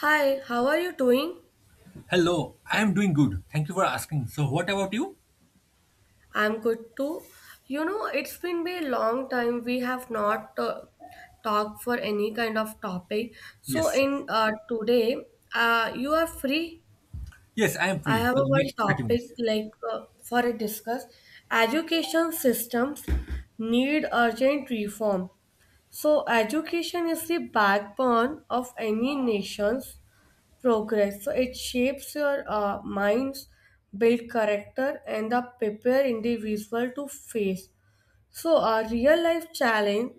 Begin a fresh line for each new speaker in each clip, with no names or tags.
Hi, how are you doing?
Hello, I am doing good. Thank you for asking. So, what about you?
I'm good too. You know, it's been a long time we have not talked for any kind of topic. So
Yes, yes.
in today, you are free.
Yes, I am
I
free
have
for
a
the
one
next 30
topic
minutes.
like for a discuss. Education systems need urgent reform. So education is the backbone of any nation's progress. So it shapes your minds, build character, and the prepare individual to face. So a real life challenge,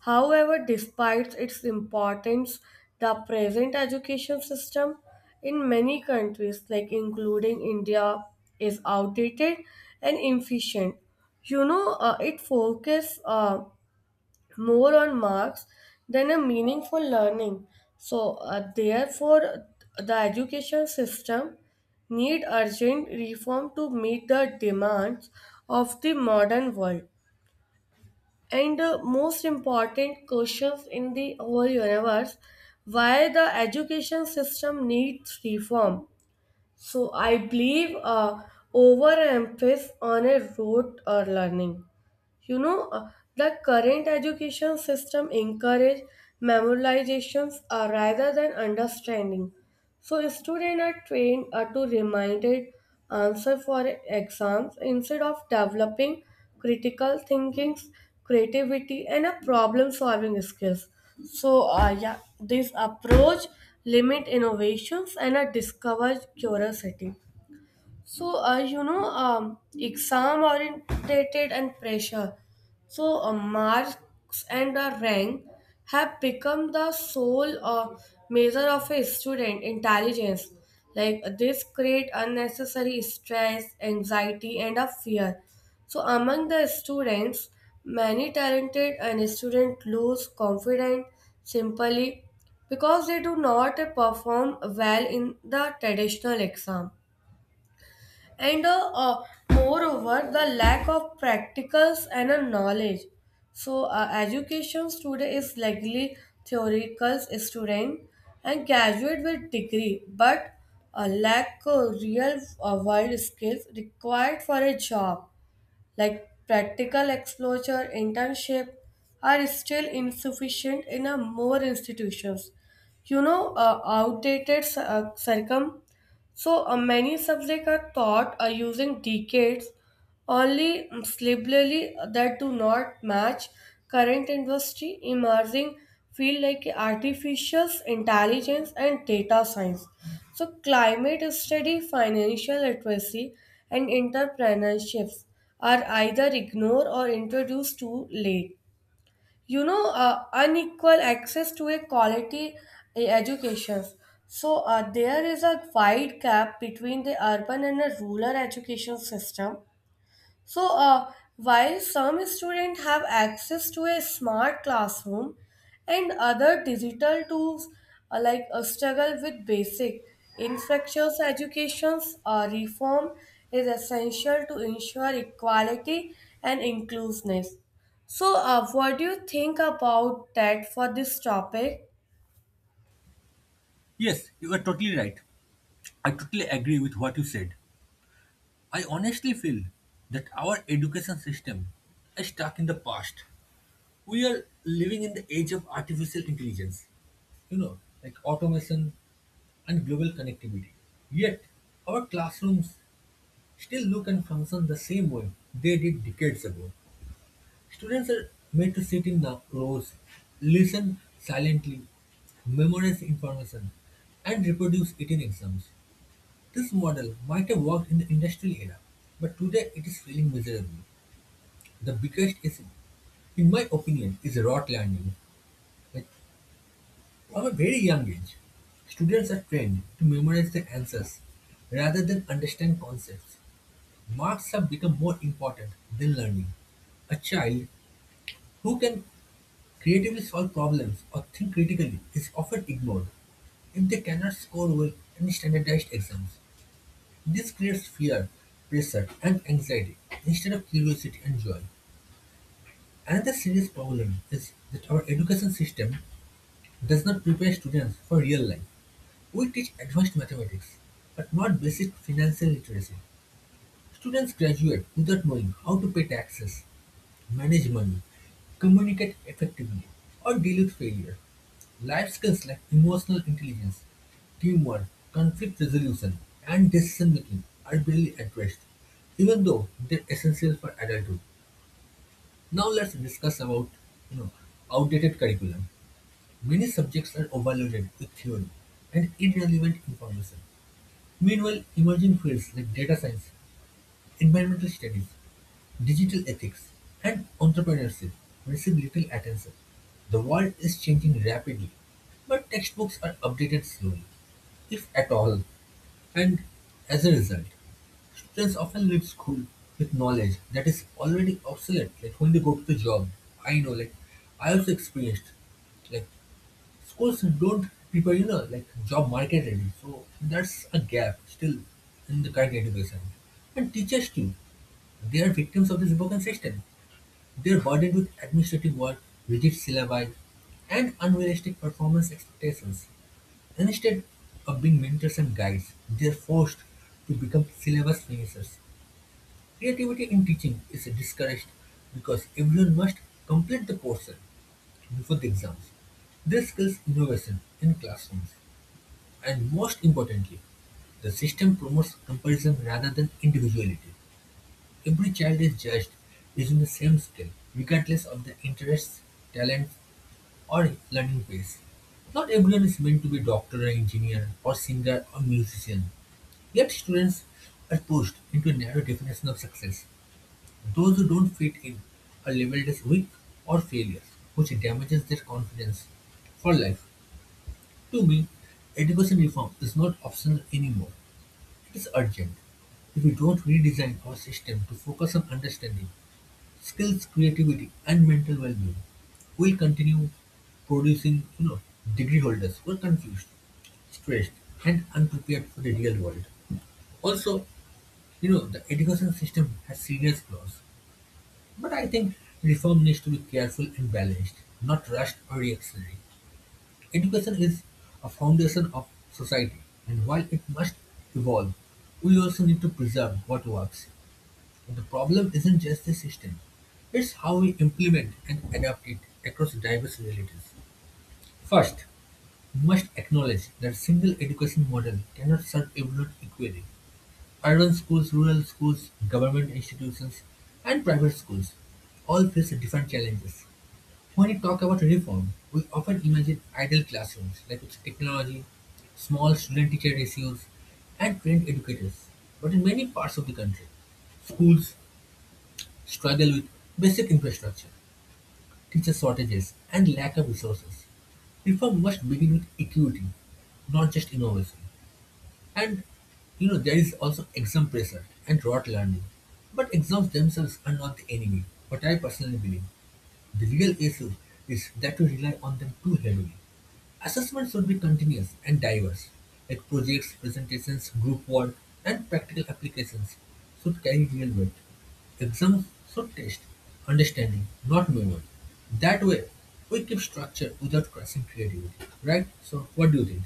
however, despite its importance, the present education system in many countries, like including India, is outdated and inefficient. You know, it focuses more on marks than a meaningful learning. So, therefore, the education system need urgent reform to meet the demands of the modern world. And the most important questions in the whole universe, why the education system needs reform. So I believe overemphasis on a rote or learning. you know uh, the current education system encourage memorizations rather than understanding. So students are trained to reminded answer for exams instead of developing critical thinking, creativity and a problem solving skills. So yeah, this approach limit innovations and discover curiosity. So, exam orientated and pressure. So, marks and rank have become the sole measure of a student intelligence. Like this create unnecessary stress, anxiety, and a fear. So, among the students, many talented and student lose confidence simply because they do not perform well in the traditional exam, and moreover the lack of practicals and a knowledge. So education today is likely theoretical student and graduate with degree but lack real world skills required for a job, like practical exposure internship are still insufficient in a more institutions. Outdated circum. So many subjects are taught using decades only syllabally that do not match current industry emerging field like artificial intelligence and data science. So climate study, financial literacy, and entrepreneurships are either ignored or introduced too late. Unequal access to a quality education. So there is a wide gap between the urban and the rural education system. So, while some students have access to a smart classroom and other digital tools, like struggle with basic infectious educations, reform is essential to ensure equality and inclusiveness. So, what do you think about that for this topic?
Yes, you are totally right. I totally agree with what you said. I honestly feel that our education system is stuck in the past. We are living in the age of artificial intelligence, you know, like automation and global connectivity. Yet, our classrooms still look and function the same way they did decades ago. Students are made to sit in the rows, listen silently, memorize information, and reproduce it in exams. This model might have worked in the industrial era, but today it is failing miserably. The biggest issue, in my opinion, is rote learning. Like, from a very young age, students are trained to memorize their answers rather than understand concepts. Marks have become more important than learning. A child who can creatively solve problems or think critically is often ignored if they cannot score well in standardized exams. This creates fear, pressure, and anxiety instead of curiosity and joy. Another serious problem is that our education system does not prepare students for real life. We teach advanced mathematics, but not basic financial literacy. Students graduate without knowing how to pay taxes, manage money, communicate effectively, or deal with failure. Life skills like emotional intelligence, teamwork, conflict resolution, and decision making are barely addressed, even though they're essential for adulthood. Now let's discuss about you know outdated curriculum. Many subjects are overloaded with theory and irrelevant information. Meanwhile, emerging fields like data science, environmental studies, digital ethics, and entrepreneurship receive little attention. The world is changing rapidly, but textbooks are updated slowly, if at all, and as a result, students often leave school with knowledge that is already obsolete. Like when they go to the job, I know, like I also experienced, like schools don't prepare like job market ready, so that's a gap still in the current education. And teachers too, they are victims of this broken system. They're burdened with administrative work, rigid syllabi, and unrealistic performance expectations. Instead of being mentors and guides, they're forced to become syllabus finishers. Creativity in teaching is discouraged because everyone must complete the course before the exams. This kills innovation in classrooms. And most importantly, the system promotes comparison rather than individuality. Every child is judged using the same scale, regardless of their interests, talents, or learning pace. Not everyone is meant to be a doctor or engineer or singer or musician. Yet students are pushed into a narrow definition of success. Those who don't fit in are labeled as weak or failures, which damages their confidence for life. To me, education reform is not optional anymore, it is urgent. If we don't redesign our system to focus on understanding, skills, creativity, and mental well being, we'll continue producing degree holders who are confused, stressed, and unprepared for the real world. Also, you know, the education system has serious flaws. But I think reform needs to be careful and balanced, not rushed or reactionary. Education is a foundation of society, and while it must evolve, we also need to preserve what works. The problem isn't just the system, it's how we implement and adapt it across diverse realities. First, we must acknowledge that a single education model cannot serve everyone equally. Urban schools, rural schools, government institutions, and private schools all face different challenges. When we talk about reform, we often imagine ideal classrooms like with technology, small student teacher ratios, and trained educators. But in many parts of the country, schools struggle with basic infrastructure, teacher shortages, and lack of resources. Reform must begin with equity, not just innovation. And you know, there is also exam pressure and rote learning. But exams themselves are not the enemy, what I personally believe. The real issue is that we rely on them too heavily. Assessment should be continuous and diverse, like projects, presentations, group work, and practical applications should carry real weight. Exams should test understanding, not memory. That way, we keep structure without crushing creativity, right? So, what do you think?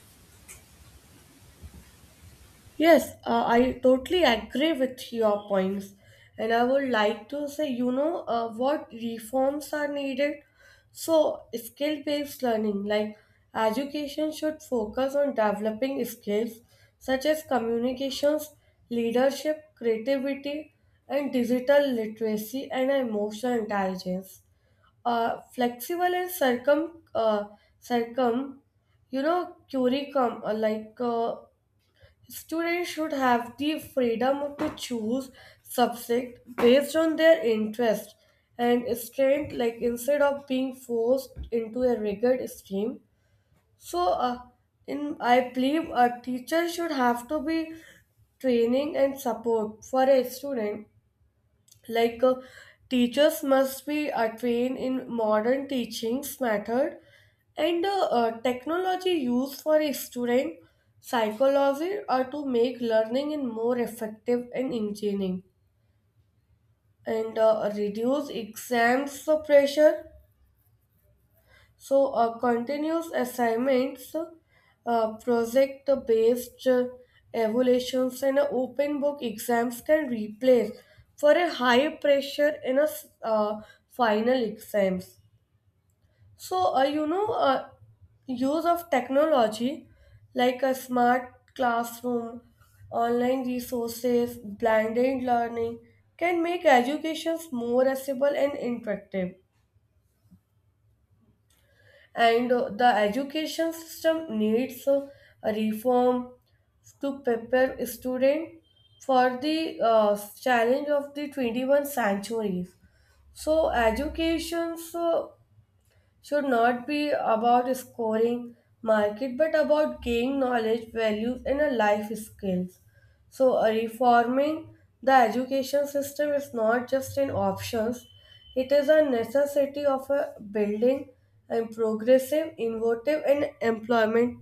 Yes, I totally agree with your points. And I would like to say, what reforms are needed. So, skill based learning, like education should focus on developing skills such as communications, leadership, creativity, and digital literacy and emotional intelligence. Flexible and circum, circum you know curriculum, like students should have the freedom to choose subject based on their interest and strength, like instead of being forced into a rigid stream. So, uh, in I believe a teacher should have to be training and support for a student, like teachers must be trained in modern teachings method and technology used for a student psychology are to make learning in more effective and engaging and reduce exams pressure. So, continuous assignments, project based evaluations, and open book exams can replace for a high pressure in a final exams. So, use of technology like a smart classroom, online resources, blended learning can make educations more accessible and interactive. And the education system needs a reform to prepare students for the challenge of the 21st centuries. So educations should not be about scoring market but about gaining knowledge, values, and a life skills. So, reforming the education system is not just an option, it is a necessity of a building and progressive, innovative, and employment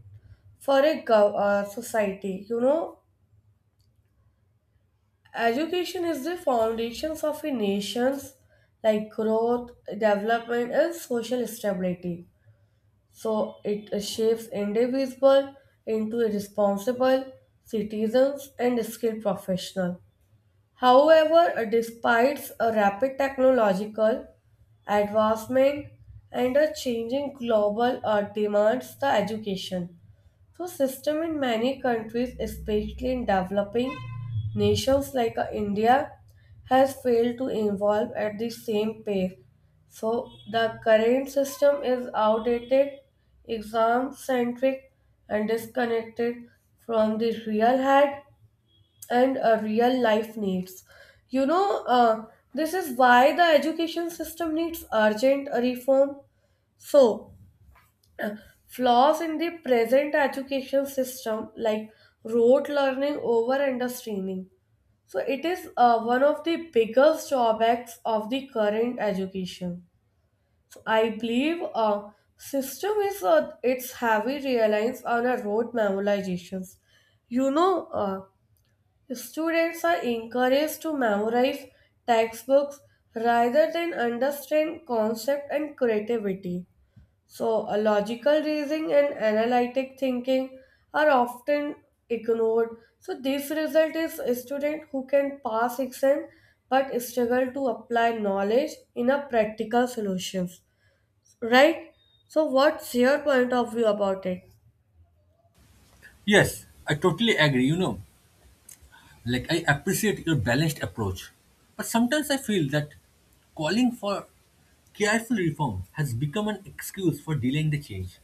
for a society. You know, education is the foundations of a nation's like growth, development, and social stability. So it shapes individuals into responsible citizens and skilled professionals. However, despite a rapid technological advancement and a changing global demands, the education so system in many countries, especially in developing nations like India, has failed to evolve at the same pace. So the current system is outdated, exam centric, and disconnected from the real head and real life needs. You know, this is why the education system needs urgent reform. So, flaws in the present education system, like rote learning over understreaming. So, it is one of the biggest drawbacks of the current education. So, I believe system is its heavy reliance on a rote memorizations. You know, students are encouraged to memorize textbooks rather than understand concept and creativity. So, a logical reasoning and analytic thinking are often ignored. So, this result is a student who can pass exam but struggle to apply knowledge in a practical solutions. Right? So, what's your point of view about it?
Yes, I totally agree, you know. Like, I appreciate your balanced approach, but sometimes I feel that calling for careful reform has become an excuse for delaying the change.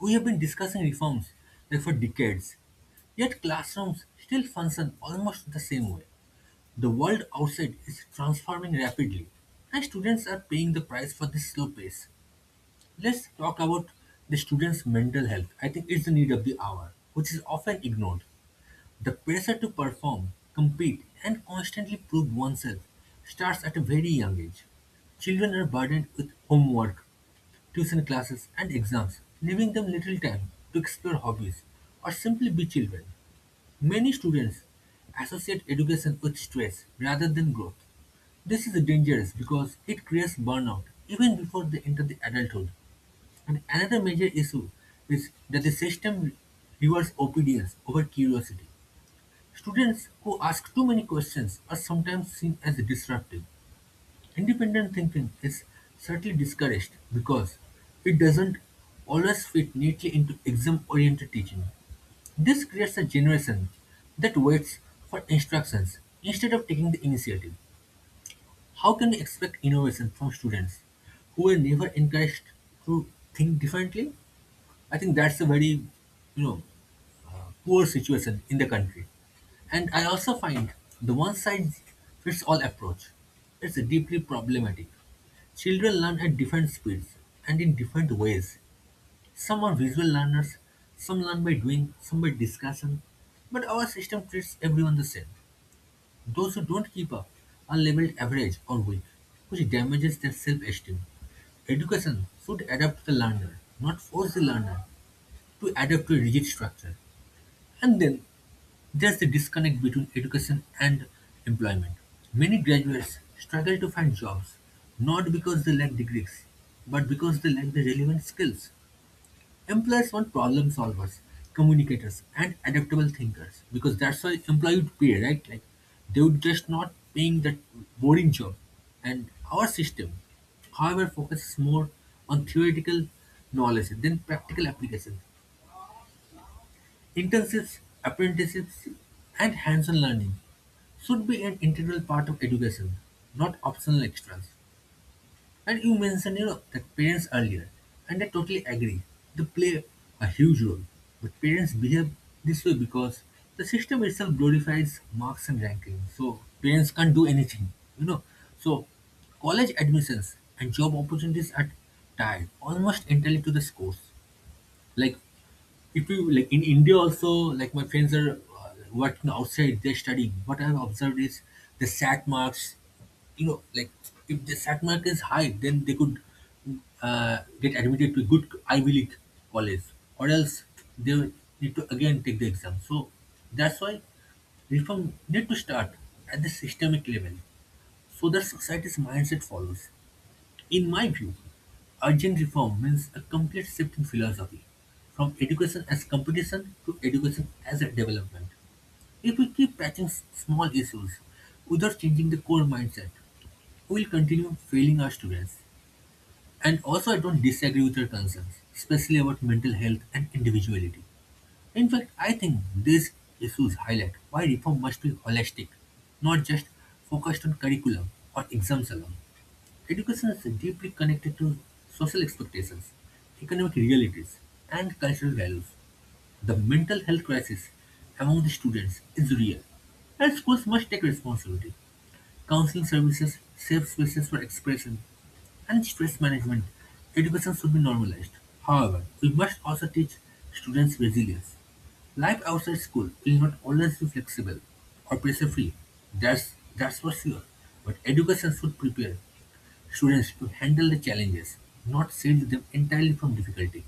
We have been discussing reforms like for decades, yet classrooms still function almost the same way. The world outside is transforming rapidly, and students are paying the price for this slow pace. Let's talk about the students' mental health. I think it's the need of the hour, which is often ignored. The pressure to perform, compete, and constantly prove oneself starts at a very young age. Children are burdened with homework, tuition classes, and exams, leaving them little time to explore hobbies or simply be children. Many students associate education with stress rather than growth. This is dangerous because it creates burnout even before they enter the adulthood. And another major issue is that the system rewards obedience over curiosity. Students who ask too many questions are sometimes seen as disruptive. Independent thinking is certainly discouraged because it doesn't always fit neatly into exam oriented teaching. This creates a generation that waits for instructions instead of taking the initiative. How can we expect innovation from students who were never encouraged to think differently? I think that's a very, you know, poor situation in the country. And I also find the one size fits all approach is deeply problematic. Children learn at different speeds and in different ways. Some are visual learners, some learn by doing, some by discussion. But our system treats everyone the same. Those who don't keep up are labeled average or weak, which damages their self esteem. Education should adapt the learner, not force the learner to adapt to a rigid structure. And then there's the disconnect between education and employment. Many graduates struggle to find jobs, not because they lack degrees, but because they lack the relevant skills. Employers want problem solvers, communicators, and adaptable thinkers, because that's why employee would pay, right? Like they would just not paying that boring job. And our system, however, focuses more on theoretical knowledge than practical application. Internships, apprenticeships, and hands on learning should be an integral part of education, not optional extras. And you mentioned, you know, that parents earlier, and I totally agree. They play a huge role, but parents behave this way because the system itself glorifies marks and ranking. So parents can't do anything, you know. So college admissions and job opportunities are tied almost entirely to the scores. Like if you like in India also, like my friends are working outside, they're studying. What I've observed is the SAT marks, you know, like if the SAT mark is high, then they could get admitted to good Ivy League college, or else they will need to again take the exam. So that's why reform need to start at the systemic level, so that society's mindset follows. In my view, urgent reform means a complete shift in philosophy from education as competition to education as a development. If we keep patching small issues without changing the core mindset, we will continue failing our students. And also, I don't disagree with your concerns, especially about mental health and individuality. In fact, I think these issues highlight why reform must be holistic, not just focused on curriculum or exams alone. Education is deeply connected to social expectations, economic realities, and cultural values. The mental health crisis among the students is real, and schools must take responsibility. Counseling services, safe spaces for expression, and stress management. Education should be normalized. However, we must also teach students resilience. Life outside school will not always be flexible or pressure free. That's for sure. But education should prepare students to handle the challenges, not shield them entirely from difficulty.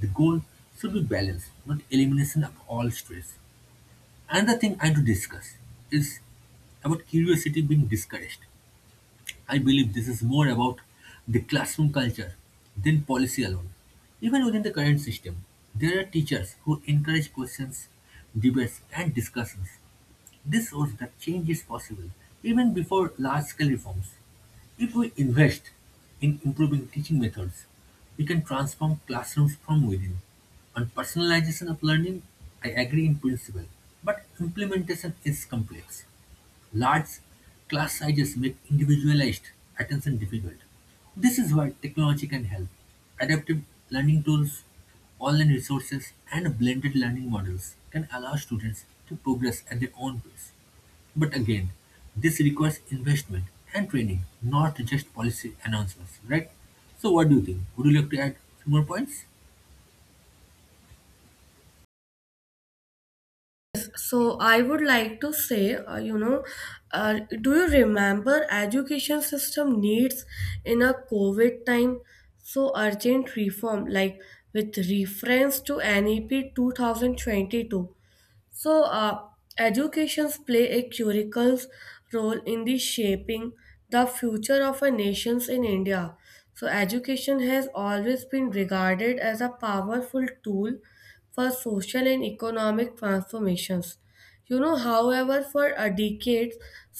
The goal should be balance, not elimination of all stress. Another thing I want to discuss is about curiosity being discouraged. I believe this is more about the classroom culture than policy alone. Even within the current system, there are teachers who encourage questions, debates, and discussions. This shows that change is possible even before large scale reforms. If we invest in improving teaching methods, we can transform classrooms from within. On personalization of learning, I agree in principle, but implementation is complex. Large class sizes make individualized attention difficult. This is why technology can help. Adaptive learning tools, online resources, and blended learning models can allow students to progress at their own pace. But again, this requires investment and training, not just policy announcements, right? So, what do you think? Would you like to add few more points?
So I would like to say, do you remember education system needs in a COVID time? So urgent reform, like with reference to NEP 2022. So, educations play a critical role in the shaping the future of a nations in India. So, education has always been regarded as a powerful tool for social and economic transformations. You know, however, for decades,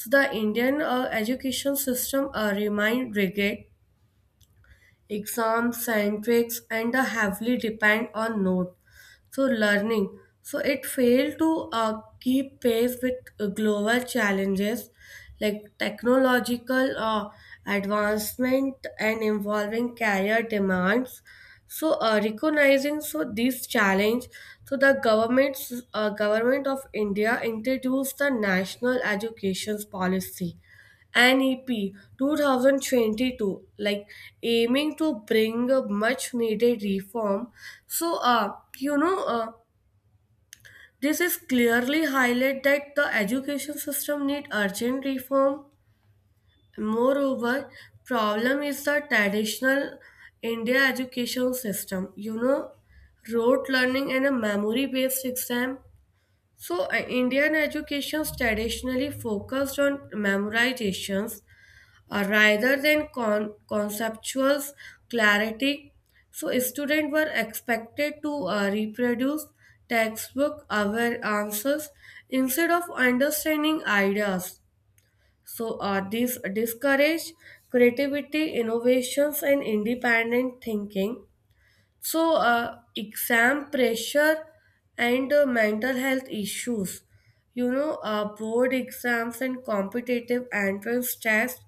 the Indian education system remained rigid exams, centrics, and the heavily depend on note. So learning. So it failed to keep pace with global challenges like technological advancement and evolving career demands. So recognizing so this challenge, so the government of India introduced the National Education Policy NEP 2022, like aiming to bring a much needed reform. So, this is clearly highlight that the education system need urgent reform. Moreover, problem is the traditional India education system. You know, rote learning and a memory-based exam. So, Indian education traditionally focused on memorizations rather than conceptual clarity. So students were expected to reproduce textbook aware answers instead of understanding ideas. So this discouraged creativity, innovations, and independent thinking. So, exam pressure and mental health issues. You know, board exams and competitive entrance tests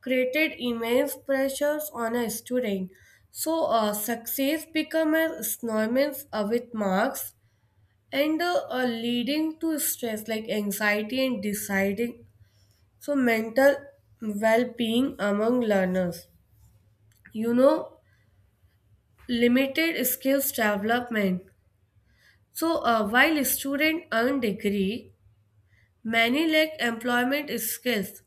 created immense pressures on a student. So, success became a synonymous with marks and leading to stress like anxiety and deciding. So, mental well being among learners. You know, limited skills development. So, while students earn degree, many lack employment skills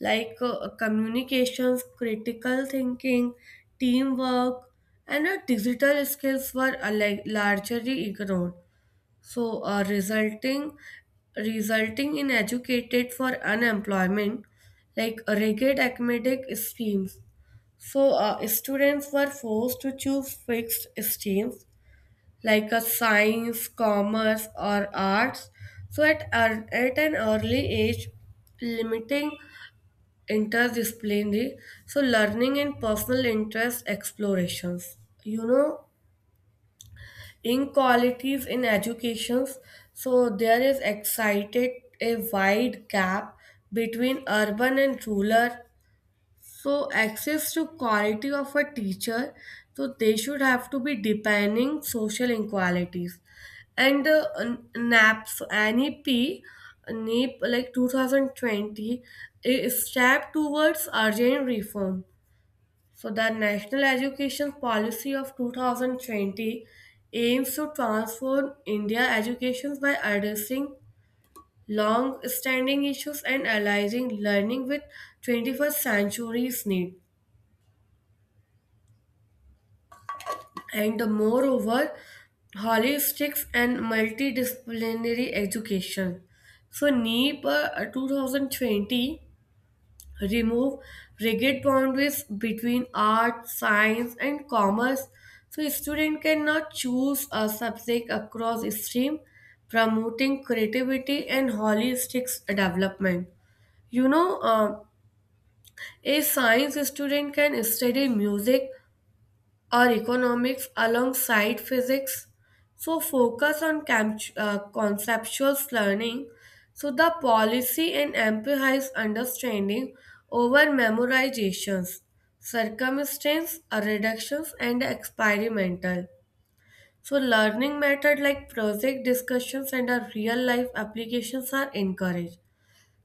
like communications, critical thinking, teamwork, and digital skills were like largely ignored. So, resulting in educated for unemployment, like rigid academic schemes. So, students were forced to choose fixed streams like a science, commerce, or arts. So at an early age, limiting interdisciplinary, so learning and personal interest explorations. You know, inequalities in educations. So there is excited a wide gap between urban and rural so access to quality of a teacher, so they should have to be defining social inequalities. And NEP like 2020, a step towards urgent reform. So the National Education Policy of 2020 aims to transform India education by addressing long-standing issues and aligning learning with 21st century's need. And moreover, holistics and multidisciplinary education. So NEEP 2020 remove rigid boundaries between art, science and commerce. So student cannot choose a subject across stream, promoting creativity and holistics development. You know, a science student can study music or economics alongside physics. So, focus on conceptual learning. So, the policy and amplifies understanding over memorizations, circumstance reductions, and experimental. So, learning method like project discussions and real life applications are encouraged.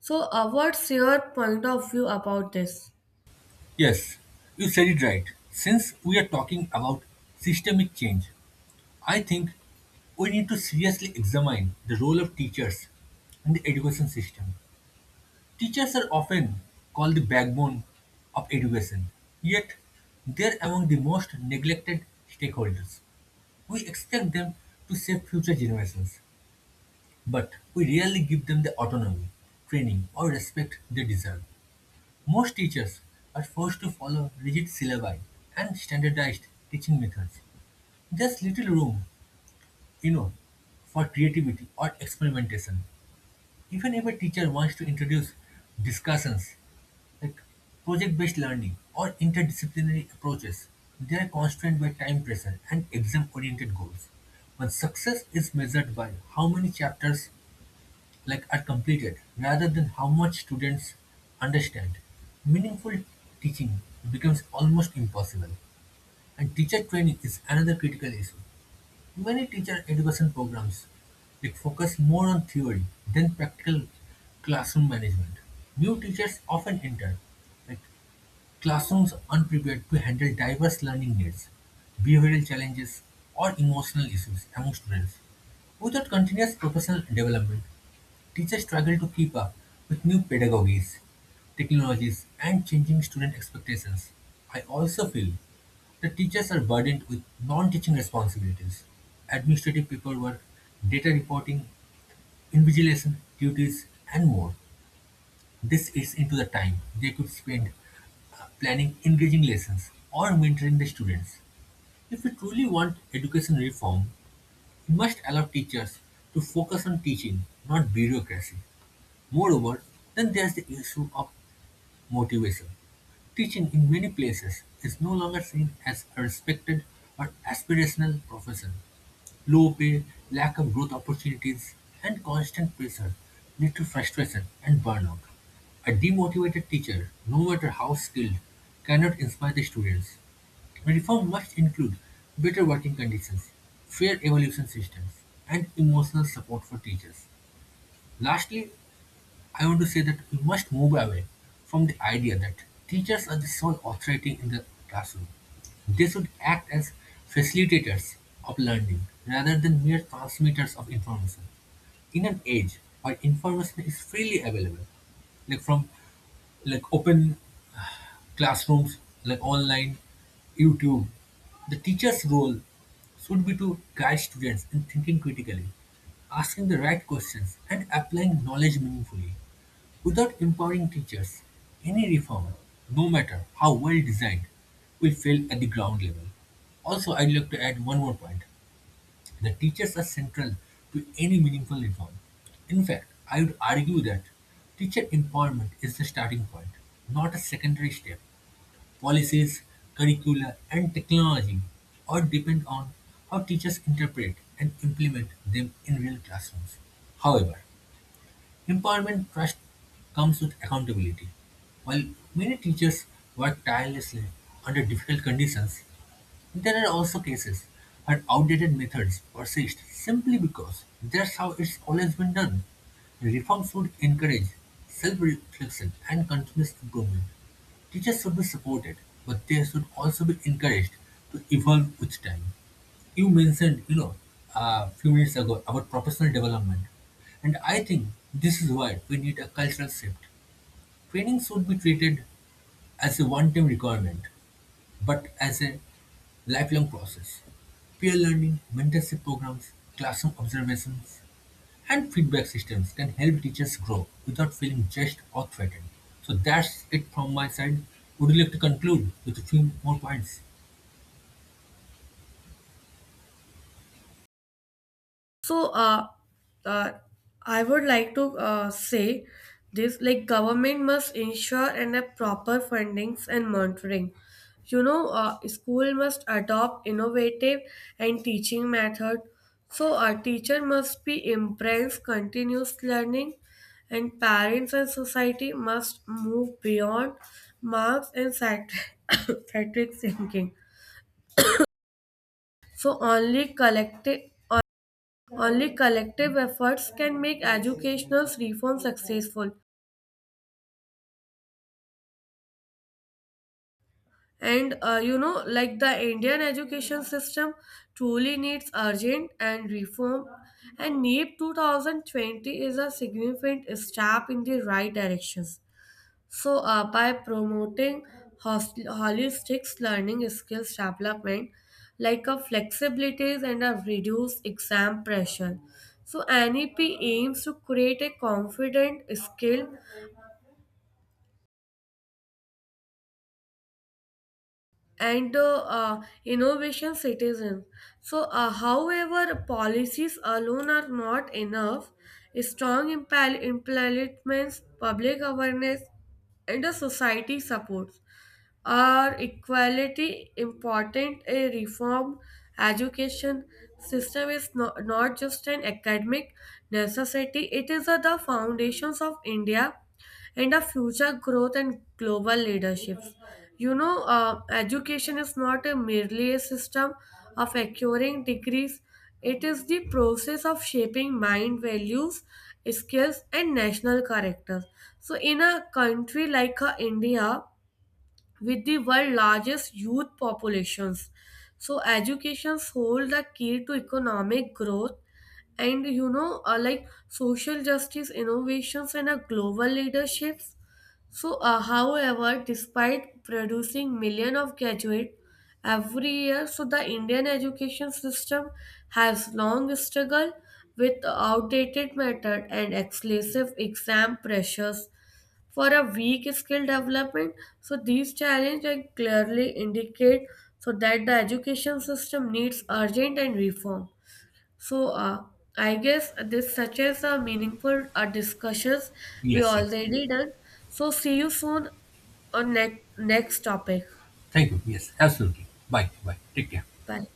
So, what's your point of view about this?
Yes, you said it right. Since we are talking about systemic change, I think we need to seriously examine the role of teachers in the education system. Teachers are often called the backbone of education, yet they are among the most neglected stakeholders. We expect them to save future generations, but we rarely give them the autonomy, training, or respect they deserve. Most teachers are forced to follow rigid syllabi and standardized teaching methods. There's little room you know, for creativity or experimentation. Even if a teacher wants to introduce discussions like project based learning or interdisciplinary approaches, they are constrained by time pressure and exam oriented goals. When success is measured by how many chapters are completed rather than how much students understand, meaningful teaching becomes almost impossible. And teacher training is another critical issue. Many teacher education programs that focus more on theory than practical classroom management. New teachers often enter, like Classrooms unprepared to handle diverse learning needs, behavioral challenges, or emotional issues among students. Without continuous professional development, teachers struggle to keep up with new pedagogies, technologies, and changing student expectations. I also feel that teachers are burdened with non teaching responsibilities, administrative paperwork, data reporting, invigilation duties, and more. This eats into the time they could spend planning engaging lessons or mentoring the students. If we truly want education reform, we must allow teachers to focus on teaching, not bureaucracy. Moreover, then there's the issue of motivation. Teaching in many places is no longer seen as a respected or aspirational profession. Low pay, lack of growth opportunities, and constant pressure lead to frustration and burnout. A demotivated teacher, no matter how skilled, cannot inspire the students. Reform must include better working conditions, fair evaluation systems, and emotional support for teachers. Lastly, I want to say that we must move away from the idea that teachers are the sole authority in the classroom. They should act as facilitators of learning rather than mere transmitters of information. In an age where information is freely available, like from open classrooms, like online, YouTube. The teacher's role should be to guide students in thinking critically, asking the right questions, and applying knowledge meaningfully. Without empowering teachers, any reform, no matter how well designed, will fail at the ground level. Also, I'd like to add one more point. The teachers are central to any meaningful reform. In fact, I would argue that teacher empowerment is the starting point, not a secondary step. Policies, curricula, and technology all depend on how teachers interpret and implement them in real classrooms. However, empowerment trust comes with accountability. While many teachers work tirelessly under difficult conditions, there are also cases where outdated methods persist simply because that's how it's always been done. Reforms should encourage self-reflection and continuous improvement. Teachers should be supported, but they should also be encouraged to evolve with time. You mentioned, a few minutes ago about professional development, and I think this is why we need a cultural shift. Training should be treated as a one-time requirement but as a lifelong process. Peer learning, mentorship programs, classroom observations, and feedback systems can help teachers grow without feeling judged or threatened. So that's it from my side. Would you like to conclude with a few more points?
So, uh, I would like to say this like government must ensure and a proper fundings and monitoring. You know, school must adopt innovative and teaching method. So, a teacher must be embrace continuous learning, and parents and society must move beyond marks and satiric thinking. So, only collective efforts can make educational reform successful. And like the Indian education system truly needs urgent and reform, and NEEP 2020 is a significant step in the right directions. So, by promoting holistic learning skills development, like a flexibilities and a reduced exam pressure, so NEP aims to create a confident, skilled, and the innovation citizens. So, however, policies alone are not enough. Strong implements, public awareness, and the society supports are equality important. A reform education system is not just an academic necessity; it is the foundations of India and a future growth and global leaderships. You know, education is not a merely a system of acquiring degrees, it is the process of shaping mind values, skills, and national character. So, in a country like India, with the world's largest youth populations. So education holds the key to economic growth and like social justice innovations and a global leaderships. So however, despite producing millions of graduates every year, so the Indian education system has long struggled with outdated method and excessive exam pressures for a weak skill development. So these challenges like, clearly indicate so that the education system needs urgent and reform. So I guess this such as a meaningful discussions we
Yes, yes.
already done. So see you soon on next topic.
Thank you. Yes, absolutely. Bye. Bye. Take care.
Bye.